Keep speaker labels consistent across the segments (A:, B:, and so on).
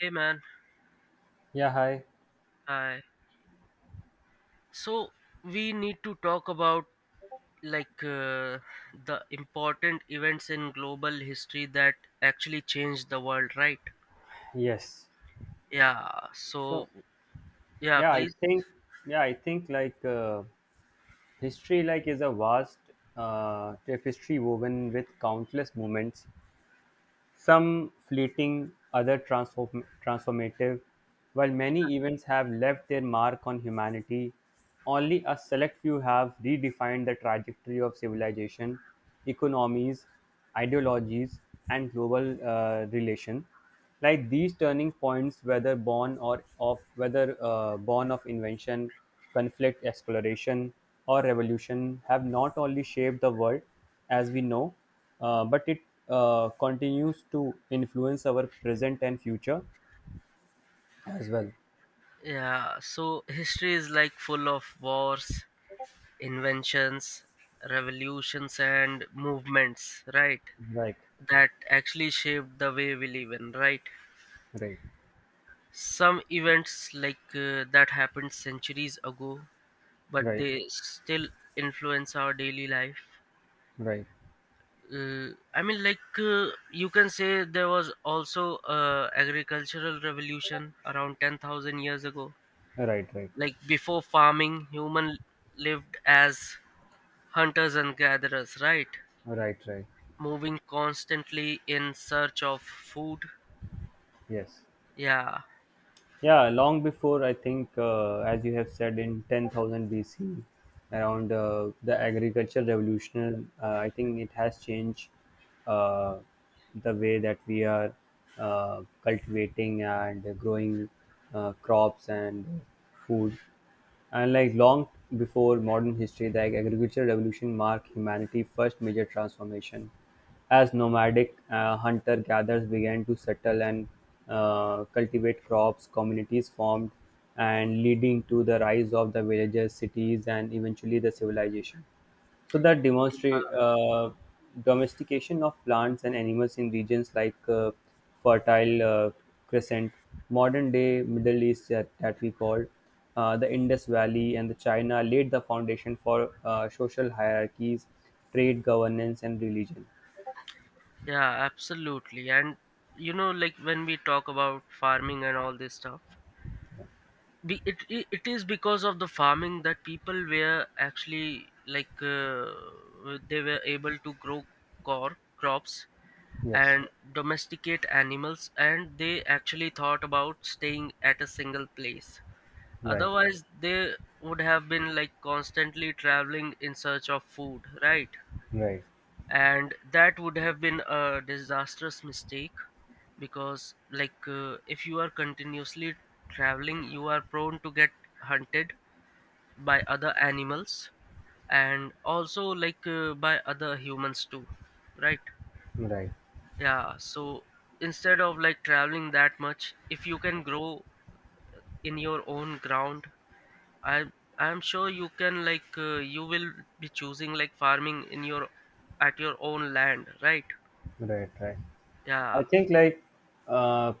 A: Hey man,
B: Yeah, hi.
A: hi. So we need to talk about like uh, the important events in global history that actually changed the world, right?
B: Yes.
A: Yeah.
B: So,
A: So yeah,
B: yeah, I
A: please.
B: think, yeah, I think history like is a vast tapestry woven with countless moments, some fleeting, other transformative. While many events have left their mark on humanity, only a select few have redefined the trajectory of civilization, economies, ideologies, and global relation. Like these turning points, whether born or of whether born of invention, conflict, exploration, or revolution, have not only shaped the world as we know, but it continues to influence our present and future as well.
A: Yeah. So history is like full of wars, inventions, revolutions, and movements, right?
B: Right.
A: That actually shaped the way we live in, right?
B: Right.
A: Some events that happened centuries ago, but
B: Right.
A: they still influence our daily life.
B: Right. Right.
A: I mean, like you can say there was also a agricultural revolution around 10,000 years ago.
B: Right. Right.
A: Like before farming, human lived as hunters and gatherers, right?
B: Right. Right.
A: Moving constantly in search of food.
B: Yes.
A: Yeah,
B: Yeah, long before, I think, as you have said, in 10,000 BC, around the agricultural revolution, I think it has changed uh, the way that we are cultivating and growing crops and food. And like long before modern history, the agricultural revolution marked humanity's first major transformation as nomadic hunter gatherers began to settle and cultivate crops, communities formed, and leading to the rise of the villages, cities, and eventually the civilization. So that demonstrate domestication of plants and animals in regions like fertile crescent, modern day Middle East, that we call the Indus Valley and the China, laid the foundation for social hierarchies, trade governance, and religion.
A: yeah, absolutely. And like when we talk about farming and all this stuff, be, it is because of the farming that people were actually they were able to grow core crops
B: Yes.
A: and domesticate animals, and they actually thought about staying at a single place.
B: Right,
A: Otherwise they would have been like constantly traveling in search of food, right?
B: right,
A: And that would have been a disastrous mistake, because if you are continuously traveling, you are prone to get hunted by other animals and also by other humans too, right?
B: right,
A: Yeah, so instead of like traveling that much, if you can grow in your own ground, i I'm sure you will be choosing like farming in your at your own land, right?
B: right, right.
A: Yeah,
B: I think like uh,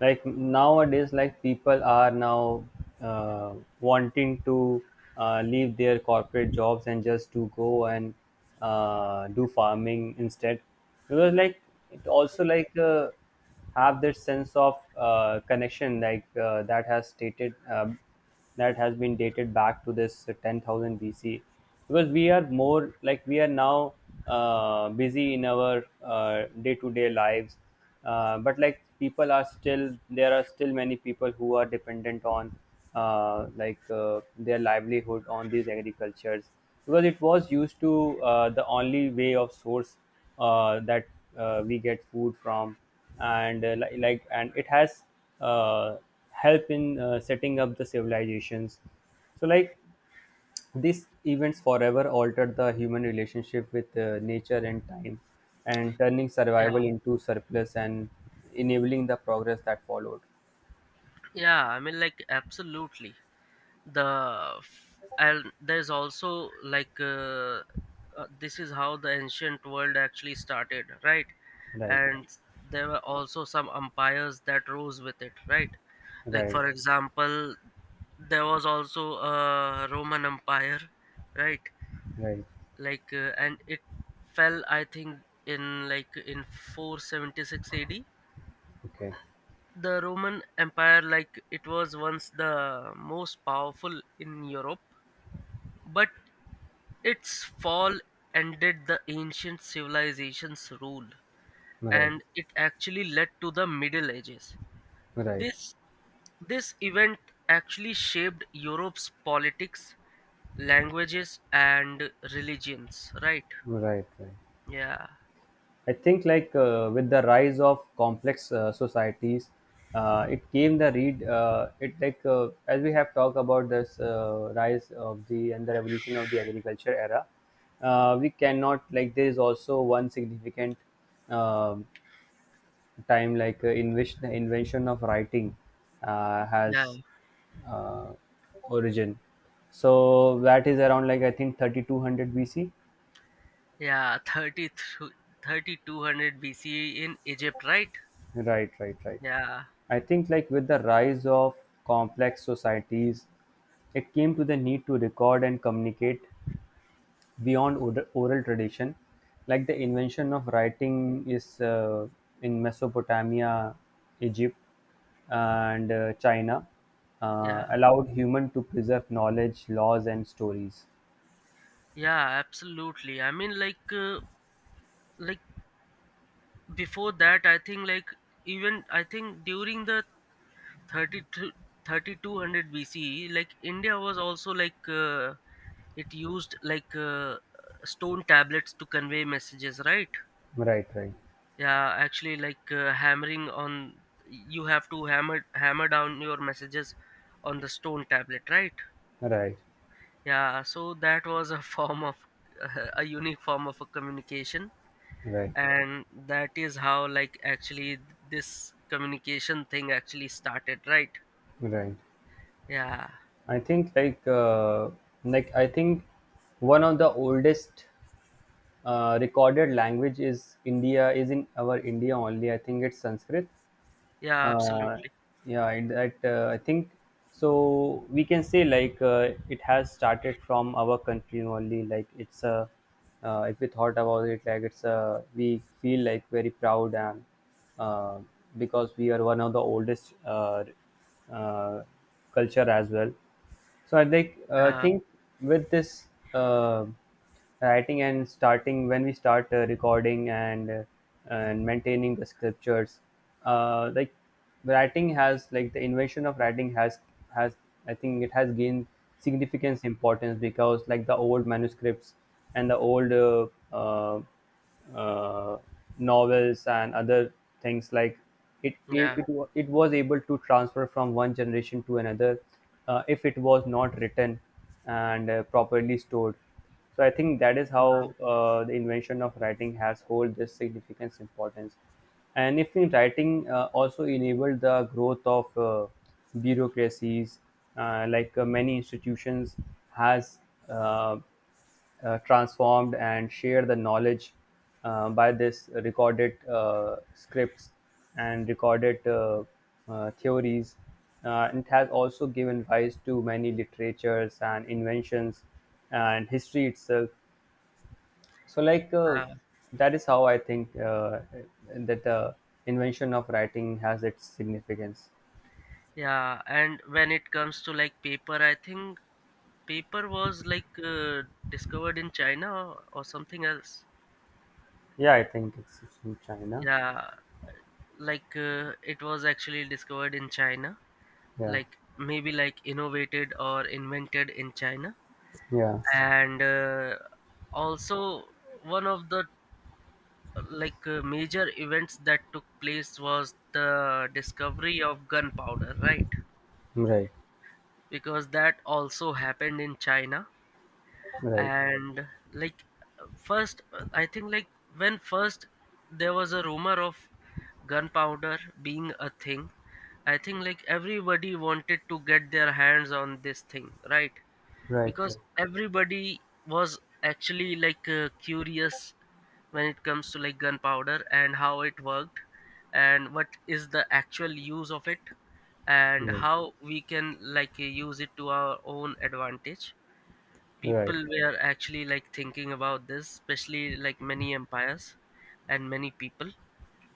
B: nowadays like people are now uh, wanting to leave their corporate jobs and just to go and do farming instead, because like it also like have that sense of connection like that has been dated back to this 10,000 BC, because we are more like we are now busy in our day-to-day lives, but like people are still there are still many people who are dependent on like their livelihood on these agricultures, because it was used to the only way of source that we get food from. And like and it has uh, help in setting up the civilizations. So like these events forever altered the human relationship with nature and time, and turning
A: yeah,
B: survival into surplus and enabling the progress that followed.
A: yeah, I mean, like, absolutely. And there's also this is how the ancient world actually started, right?
B: Right.
A: And there were also some umpires that rose with it, right? Like
B: Right.
A: for example, there was also a roman empire, right?
B: Right.
A: And it fell, I think, in like in 476 ad.
B: Okay.
A: The roman empire, like it was once the most powerful in europe, but its fall ended the ancient civilization's rule,
B: Right.
A: and it actually led to the Middle Ages.
B: Right.
A: This, this event actually shaped Europe's politics, languages, and religions, right?
B: Right. Right.
A: Yeah,
B: I think like with the rise of complex societies, it came the read. It like As we have talked about this rise of the and the revolution of the agriculture era. We cannot, like, there is also one significant um time, like, in which the invention of writing
A: yeah,
B: has uh, origin. So that is around, like, I think 3200 BC.
A: yeah, 30 3200 BCE in Egypt, right?
B: Right, right, right.
A: Yeah,
B: I think like with the rise of complex societies, it came to the need to record and communicate beyond oral tradition. Like the invention of writing is in Mesopotamia, Egypt, and China,
A: yeah,
B: allowed human to preserve knowledge, laws, and stories.
A: yeah, absolutely. I mean, like before that, I think, like, even I think during the 30 to 3200 BCE, like India was also it used stone tablets to convey messages, right?
B: Right, right,
A: Yeah, actually, you have to hammer down your messages on the stone tablet, right?
B: right,
A: Yeah, so that was a form of a unique form of a communication,
B: right,
A: and that is how like actually this communication thing actually started, right?
B: right.
A: Yeah,
B: I think like I think one of the oldest recorded language is India is in our India only. I think it's Sanskrit.
A: yeah,
B: uh,
A: absolutely.
B: yeah, it, that I think, so we can say like it has started from our country only, like it's a if we thought about it, like it's a, we feel like very proud. And uh, because we are one of the oldest uh, culture as well. So I
A: Yeah,
B: think with this writing and starting when we start recording and maintaining the scriptures, like writing has, like the invention of writing has, I think it has gained significance importance, because like the old manuscripts and the old uh, uh, novels and other things, like
A: yeah,
B: it was able to transfer from one generation to another if it was not written and properly stored. So I think that is
A: yeah,
B: how the invention of writing has hold this significance importance. And if in writing also enabled the growth of bureaucracies, like many institutions has uh, transformed and shared the knowledge by this recorded scripts and recorded theories. It has also given rise to many literatures and inventions and history itself. So, like,
A: yeah,
B: that is how I think that the invention of writing has its significance.
A: yeah. And when it comes to like paper, I think paper was discovered in China or something else.
B: Yeah, I think it's from China.
A: Yeah, it was actually discovered in China,
B: Yeah,
A: like maybe like innovated or invented in China.
B: yeah,
A: And also one of the major events that took place was the discovery of gunpowder, right?
B: right,
A: Because that also happened in China.
B: right,
A: And like first, I think like when first there was a rumor of gunpowder being a thing, I think like everybody wanted to get their hands on this thing, right?
B: right,
A: Because
B: right,
A: everybody was actually curious when it comes to like gunpowder and how it worked and what is the actual use of it and
B: yeah.
A: how we can use it to our own advantage.
B: Right,
A: People were actually like thinking about this, especially like many empires and many people,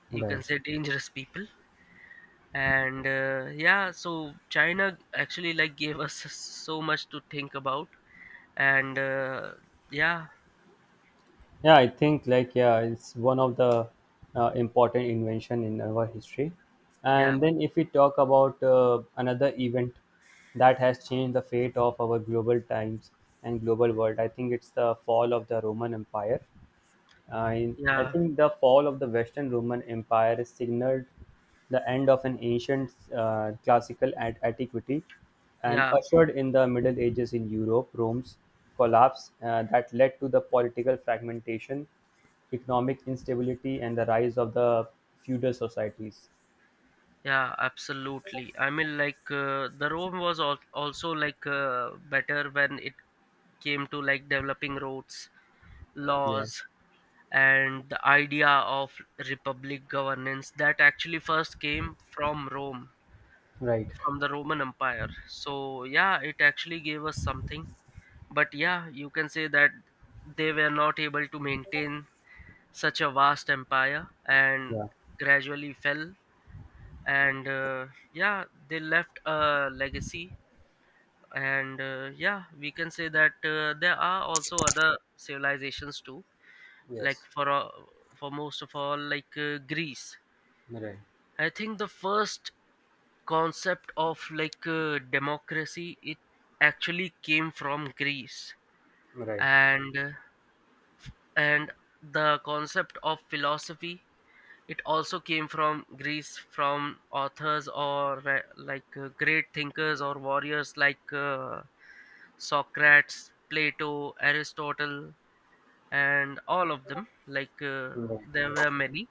A: you can
B: right.
A: say dangerous people. And yeah, so china actually like gave us so much to think about. And yeah,
B: Yeah, I think like, yeah, it's one of the important invention in our history.
A: yeah,
B: And then if we talk about another event that has changed the fate of our global times and global world, I think it's the fall of the Roman Empire. I
A: yeah,
B: think the fall of the Western Roman Empire signaled the end of an ancient classical and antiquity and
A: yeah,
B: ushered in the Middle Ages in Europe. Rome's collapse that led to the political fragmentation, economic instability, and the rise of the feudal societies.
A: yeah, absolutely. I mean, like the rome was also better when it came to like developing roads,
B: Yeah.
A: laws, and the idea of republic governance that actually first came from Rome,
B: Right.
A: from the Roman Empire. So, yeah, it actually gave us something. But yeah, you can say that they were not able to maintain such a vast empire and
B: Yeah.
A: gradually fell. And yeah, they left a legacy. And yeah, we can say that there are also other civilizations too, like
B: Yes.
A: for for most of all, Greece.
B: Right.
A: I think the first concept of democracy, it actually came from Greece.
B: Right.
A: And and the concept of philosophy, it also came from Greece, from authors or great thinkers or warriors Socrates, Plato, Aristotle, and all of them.
B: Right.
A: There were many,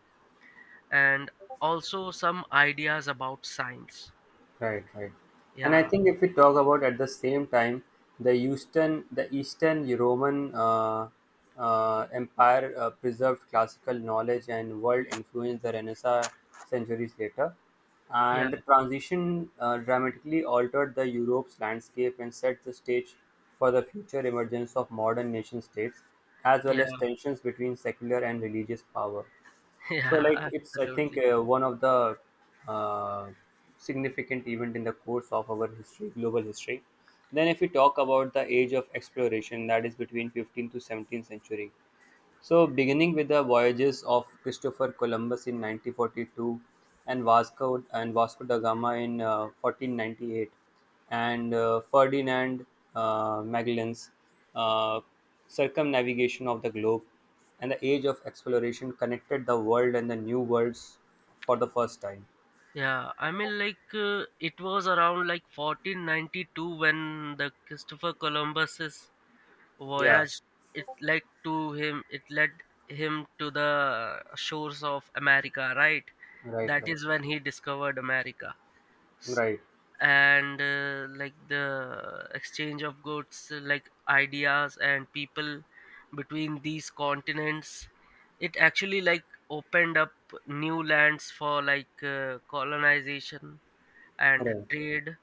A: and also some ideas about science.
B: Right, right. And I
A: Yeah,
B: think if we talk about at the same time, the Eastern Roman Empire preserved classical knowledge and world influence the Renaissance centuries later,
A: yeah,
B: and the transition dramatically altered the Europe's landscape and set the stage for the future emergence of modern nation states, as well
A: yeah,
B: as tensions between secular and religious power. So
A: yeah,
B: like it's, I think,
A: absolutely.
B: one of the uh, significant event in the course of our history, global history. Then if we talk about the age of exploration, that is between 15th to 17th century. So, beginning with the voyages of Christopher Columbus in 1942 and Vasco da Gama in 1498, and Ferdinand Magellan's uh, circumnavigation of the globe, and the age of exploration connected the world and the new worlds for the first time.
A: Yeah, I mean, it was around like 1492 when the Christopher Columbus's
B: Yeah.
A: voyage, it led to him. It led him to the shores of America, right?
B: Right,
A: That
B: right,
A: is when he discovered America.
B: right,
A: And like the exchange of goods, like ideas and people between these continents, it actually like opened up new lands for colonization and
B: right,
A: trade,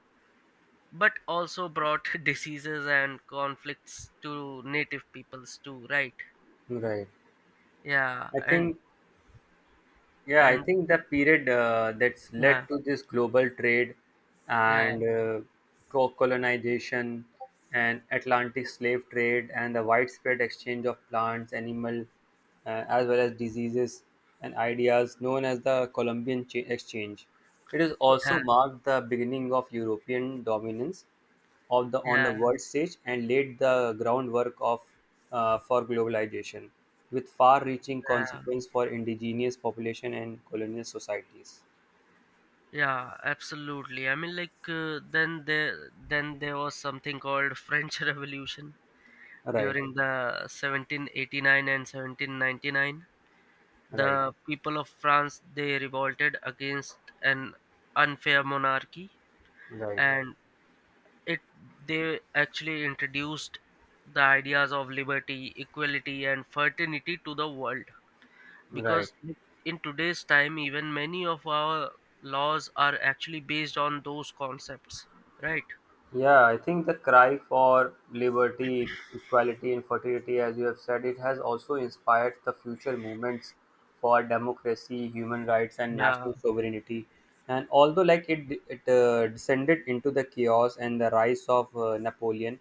A: but also brought diseases and conflicts to native peoples too, right?
B: right.
A: Yeah,
B: I
A: and
B: think. Yeah, I
A: and
B: think the period that's
A: yeah,
B: led to this global trade
A: yeah,
B: and colonization and Atlantic slave trade, and the widespread exchange of plants, animal, as well as diseases and ideas known as the Columbian Exchange. It has also
A: yeah,
B: marked the beginning of European dominance of the on the
A: yeah,
B: world stage and laid the groundwork of for globalization with far-reaching
A: yeah,
B: consequence for indigenous population and colonial societies.
A: yeah, absolutely. I mean, then there was something called French Revolution
B: Right,
A: during the 1789 and 1799.
B: right,
A: The people of France, they revolted against an unfair monarchy,
B: right,
A: and it they actually introduced the ideas of liberty, equality, and fraternity to the world,
B: right.
A: because in today's time even many of our laws are actually based on those concepts, right?
B: Yeah, I think the cry for liberty, equality, and fraternity, as you have said, it has also inspired the future movements for democracy, human rights, and
A: Yeah,
B: national sovereignty. And although, like, it descended into the chaos and the rise of Napoleon,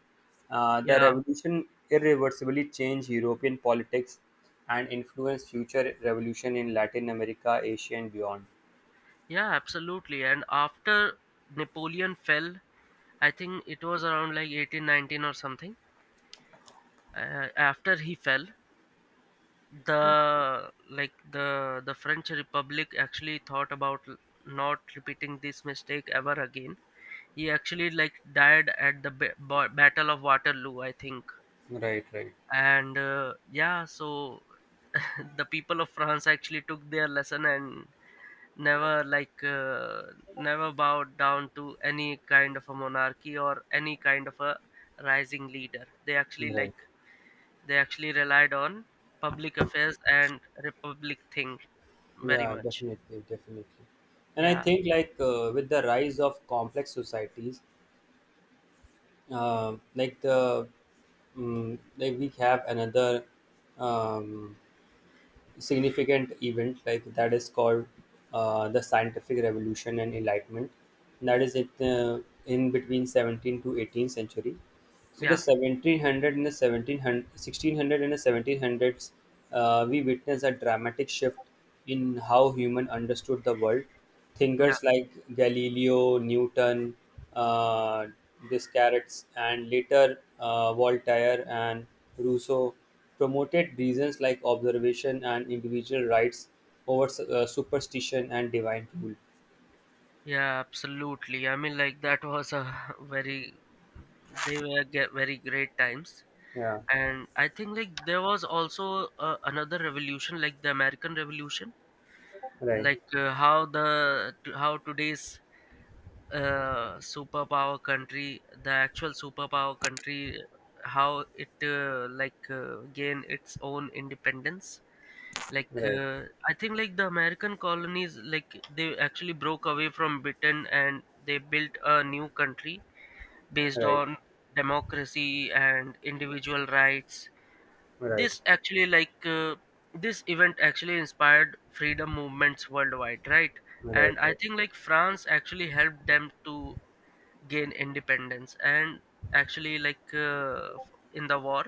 B: the
A: yeah,
B: revolution irreversibly changed European politics and influenced future revolution in Latin America, Asia, and beyond.
A: yeah, absolutely. And after Napoleon fell, I think it was around like 1819 or something. After he fell, the like the french republic actually thought about not repeating this mistake ever again. He actually like died at the Battle of Waterloo, I think.
B: Right, right,
A: And yeah, so the people of france actually took their lesson and never like uh, never bowed down to any kind of a monarchy or any kind of a rising leader.
B: right.
A: They actually relied on public affairs and republic thing very
B: Yeah,
A: much.
B: definitely, definitely. And I
A: Yeah,
B: think like with the rise of complex societies, like the like we have another um, significant event like that is called the scientific revolution and enlightenment. That is it in between 17th to 18th century. So the
A: yeah,
B: 1700 and the 1700, 1600 and the 1700s, we witnessed a dramatic shift in how human understood the world.
A: yeah,
B: Thinkers like Galileo, Newton, uh, Descartes, and later Voltaire and Rousseau promoted reasons like observation and individual rights over superstition and divine rule.
A: yeah, absolutely. I mean, like that was a very they were very great times.
B: Yeah,
A: And I think like there was also another revolution, like the American Revolution.
B: right,
A: How how today's superpower country, the actual superpower country, how it gain its own independence. like
B: right,
A: uh, I think like the american colonies, like they actually broke away from britain, and they built a new country based
B: right,
A: on democracy and individual rights.
B: right, right,
A: this actually like uh, this event actually inspired freedom movements worldwide, right?
B: right,
A: And I
B: right.
A: think like France actually helped them to gain independence and actually in the war.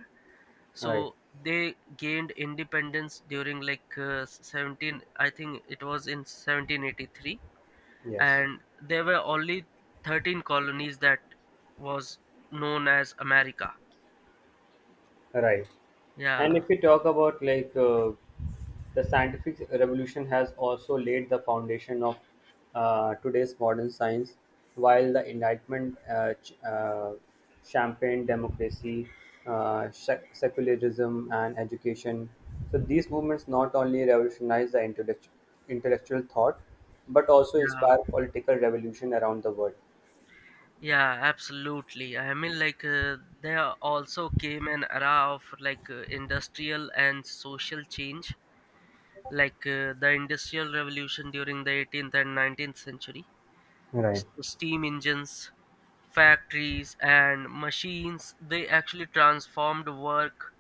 B: Right.
A: So they gained independence during 17, I think it was in 1783,
B: Yes.
A: and there were only 13 colonies that was known as America.
B: Right. And
A: Yeah,
B: if we talk about like the scientific revolution has also laid the foundation of today's modern science, while the enlightenment, champagne democracy, secularism, and education. So these movements not only revolutionized the intellectual thought, but also
A: yeah,
B: inspired political revolution around the world.
A: yeah, absolutely. I mean, like, there also came an era of industrial and social change, the industrial revolution during the 18th and 19th century.
B: Right.
A: Steam engines, factories, and machines, they actually transformed work,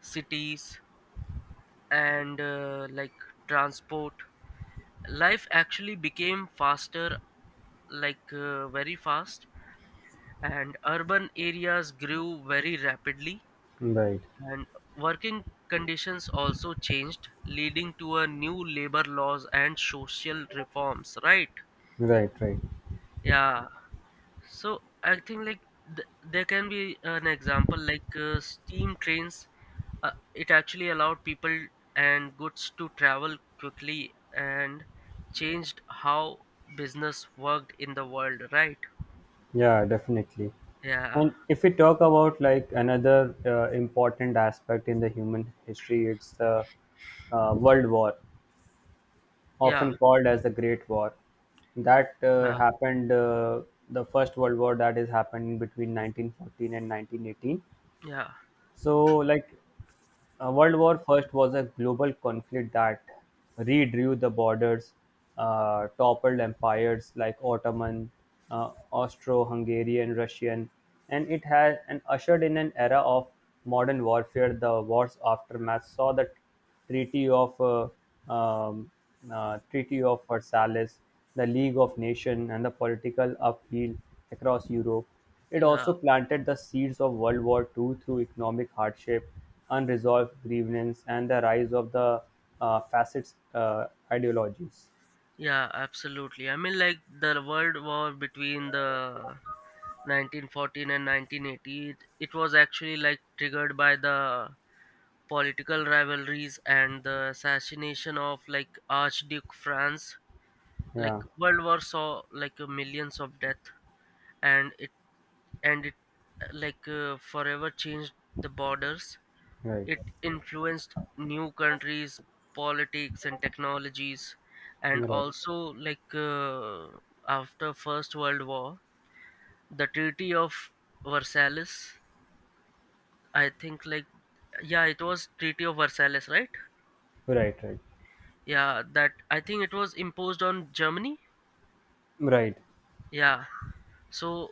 A: cities, and like transport. Life actually became faster, very fast, and urban areas grew very rapidly,
B: Right.
A: and working conditions also changed, leading to a new labor laws and social reforms, right?
B: Right. Right.
A: Yeah, so I think like there can be an example steam trains, it actually allowed people and goods to travel quickly and changed how business worked in the world, right?
B: Yeah, definitely.
A: Yeah,
B: And if we talk about like another important aspect in the human history, it's the World War,
A: yeah,
B: often called as the Great War. That
A: yeah,
B: happened, the First World War that is happening between 1914 and 1918.
A: yeah,
B: So, like, World War First was a global conflict that redrew the borders, toppled empires like Ottoman, Austro-Hungarian, Russian, and it has and ushered in an era of modern warfare. The war's aftermath saw the Treaty of uh, um, Treaty of Versailles, the League of Nations, and the political upheaval across Europe. It
A: yeah,
B: also planted the seeds of World War Two through economic hardship, unresolved grievances, and the rise of the fascist ideologies.
A: yeah, absolutely. I mean, like the world war between the 1914 and 1980, it was actually like triggered by the political rivalries and the assassination of like Archduke Franz. Like
B: Yeah,
A: World War saw millions of death, and it and it like forever changed the borders.
B: right,
A: It influenced new countries, politics, and technologies, and
B: right,
A: also after First World War, the Treaty of Versailles. I think like, yeah, it was Treaty of Versailles, right?
B: right, right,
A: Yeah, that I think it was imposed on Germany.
B: right,
A: Yeah, so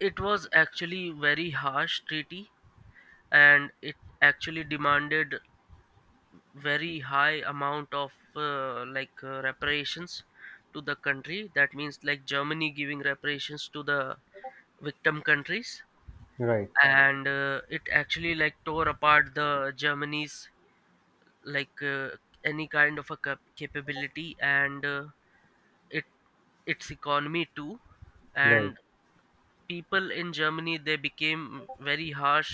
A: it was actually very harsh treaty, and it actually demanded very high amount of reparations to the country. That means like germany giving reparations to the victim countries.
B: right,
A: And it actually like tore apart the germany's like uh, any kind of a capability. And it its economy too.
B: right,
A: And people in germany, they became very harsh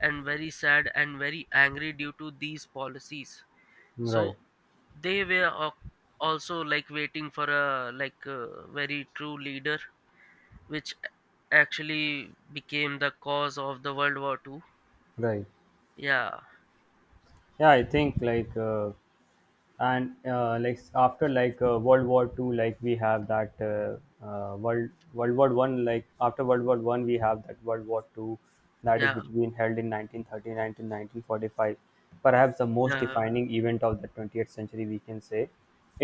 A: and very sad and very angry due to these policies. So
B: right,
A: they were also like waiting for a very true leader, which actually became the cause of the world war Two.
B: right.
A: Yeah,
B: Yeah, I think like. And like after, like, world war two, like we have that world war one. Like after world war one, we have that world war two that is
A: yeah,
B: between held in 1939 to 1945, perhaps the most
A: yeah,
B: defining event of the 20th century, we can say.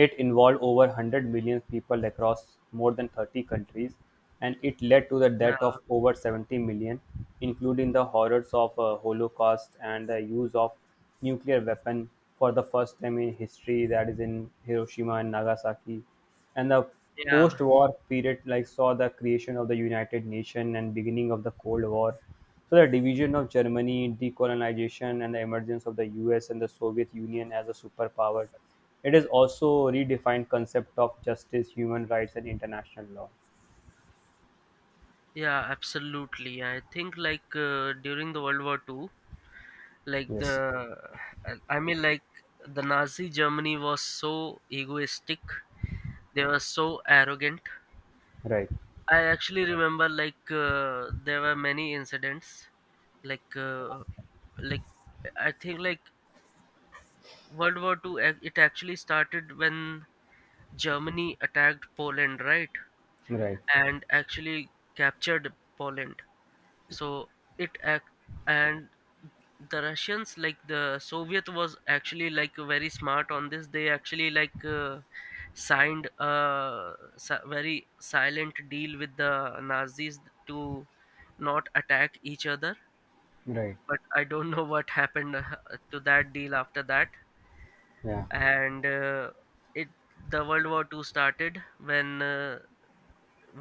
B: It involved over 100 million people across more than 30 countries, and it led to the
A: yeah,
B: death of over 70 million, including the horrors of holocaust and the use of nuclear weapon for the first time in history, that is in Hiroshima and Nagasaki. And the
A: yeah,
B: post-war period, like, saw the creation of the United Nations and beginning of the Cold War. So the division of Germany, decolonization, and the emergence of the US and the Soviet Union as a superpower. It is also redefined concept of justice, human rights, and international law.
A: yeah, absolutely. I think like during the World War II, like the
B: Yes.
A: I mean like the Nazi Germany was so egoistic. They were so arrogant.
B: Right.
A: I actually remember, like there were many incidents, like uh, like I think like World War II, it actually started when Germany attacked Poland, right?
B: Right.
A: And actually captured Poland. So it act and the Russians, like the Soviet, was actually like very smart on this. They actually signed a very silent deal with the Nazis to not attack each other.
B: Right.
A: But I don't know what happened to that deal after that.
B: Yeah.
A: And it the World War II started when uh,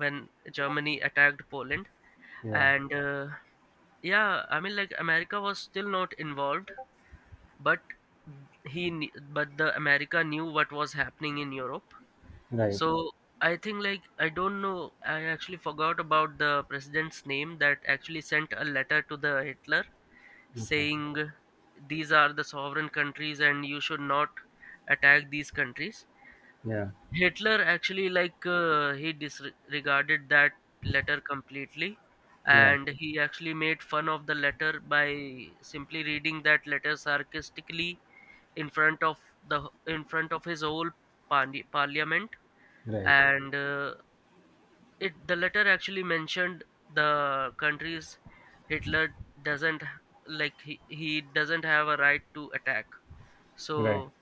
A: when Germany attacked Poland,
B: Yeah.
A: and yeah, I mean like America was still not involved, but the America knew what was happening in Europe,
B: Right.
A: so. I think like I don't know, I actually forgot about the president's name that actually sent a letter to the Hitler
B: Okay.
A: saying these are the sovereign countries and you should not attack these countries.
B: Yeah.
A: Hitler actually, he disregarded that letter completely,
B: Yeah.
A: and he actually made fun of the letter by simply reading that letter sarcastically in front of his whole parliament.
B: Right.
A: And it the letter actually mentioned the countries Hitler doesn't, like he doesn't have a right to attack,
B: Right,
A: so.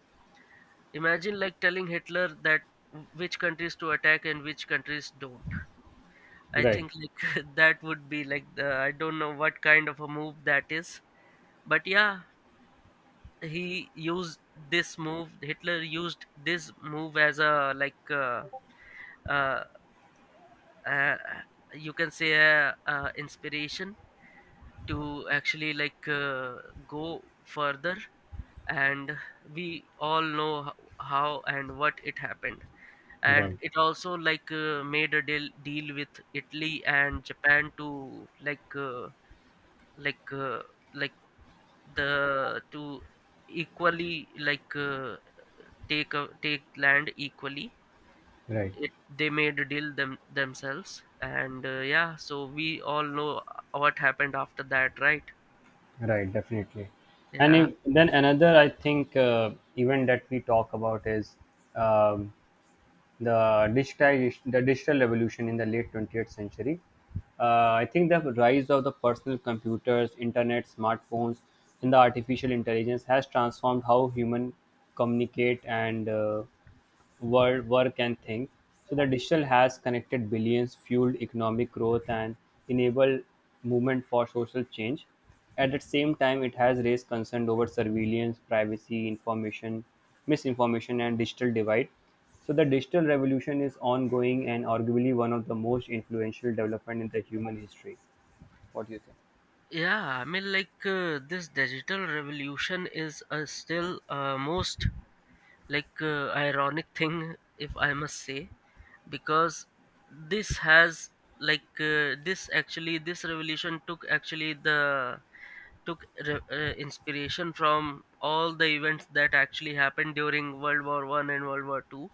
A: Imagine like telling Hitler that which countries to attack and which countries don't. I
B: right,
A: think like that would be like the I don't know what kind of a move that is. But yeah, he used this move. Hitler used this move as a, like, uh, uh, you can say a, inspiration to actually go further. And we all know how and what it happened. And
B: right,
A: it also made a deal with Italy and Japan to like uh, like the to equally take land equally.
B: right,
A: They made a deal themselves, and yeah, so we all know what happened after that, right?
B: right. And
A: Yeah.
B: if, then another, I think, event that we talk about is um, the digitization, the digital revolution in the late 20th century. I think the rise of the personal computers, internet, smartphones, and the artificial intelligence has transformed how human communicate and world work and think. So the digital has connected billions, fueled economic growth, and enabled movement for social change. At the same time, it has raised concern over surveillance, privacy, information, misinformation, and digital divide. So the digital revolution is ongoing and arguably one of the most influential development in the human history. What do you think?
A: Yeah, I mean, this digital revolution is, still, most ironic thing, if I must say. Because this has, this revolution took actually inspiration from all the events that actually happened during world war I and world war II,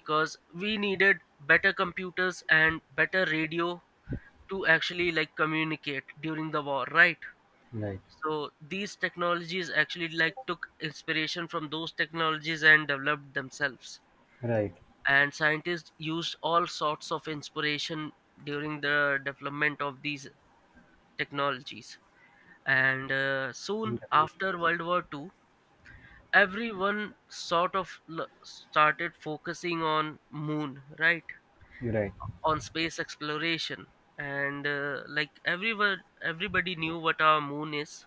A: because we needed better computers and better radio to actually like communicate during the war, right?
B: Right,
A: So these technologies actually like took inspiration from those technologies and developed themselves.
B: right,
A: And scientists used all sorts of inspiration during the development of these technologies. And soon after World War II, everyone sort of started focusing on moon, right?
B: right,
A: On space exploration. And like everyone everybody knew what our moon is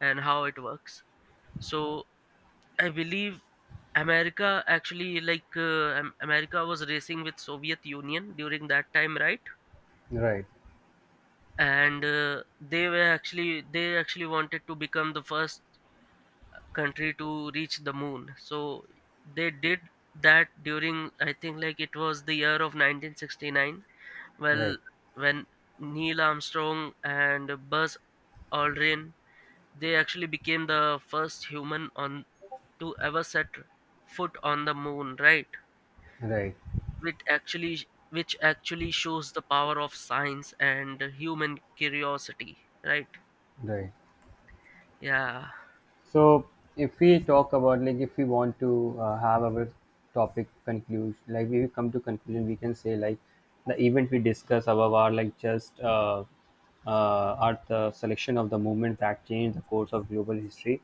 A: and how it works. So I believe America actually, America was racing with Soviet Union during that time, right?
B: right,
A: And they actually wanted to become the first country to reach the moon. So they did that during, I think like, it was the year of 1969.
B: right,
A: Well, when Neil Armstrong and Buzz Aldrin, they actually became the first human on to ever set foot on the moon, right?
B: right,
A: which actually which actually shows the power of science and human curiosity, right?
B: right.
A: Yeah.
B: So if we talk about, like, if we want to have our topic conclusion, like we come to conclusion, we can say like the event we discuss above are like just are the selection of the movement that changed the course of global history.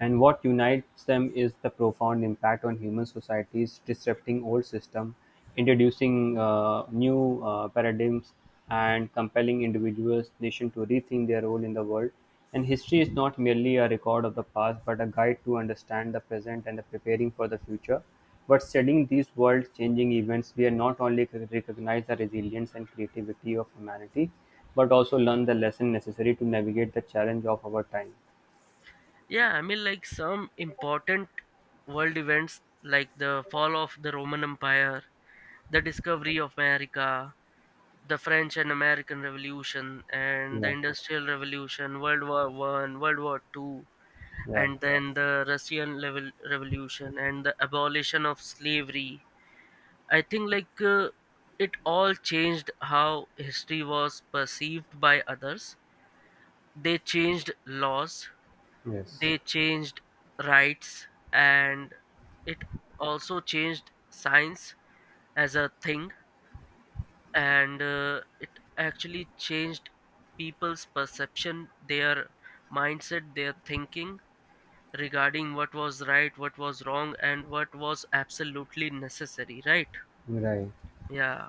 B: And what unites them is the profound impact on human societies, disrupting old systems, introducing new paradigms, and compelling individuals, nation to rethink their role in the world. And history is not merely a record of the past, but a guide to understand the present and the preparing for the future. But studying these world-changing events, we are not only recognize the resilience and creativity of humanity, but also learn the lesson necessary to navigate the challenge of our time.
A: Yeah, I mean like some important world events like the fall of the Roman Empire, the discovery of America, the French and American Revolution and the
B: Yeah,
A: Industrial Revolution, world war I, world war II,
B: yeah.
A: and then the Russian level revolution and the abolition of slavery. I think, it all changed how history was perceived by others. They changed laws,
B: Yes,
A: they changed rights, and it also changed science as a thing. And it actually changed people's perception, their mindset, their thinking regarding what was right, what was wrong, and what was absolutely necessary, right?
B: right.
A: Yeah.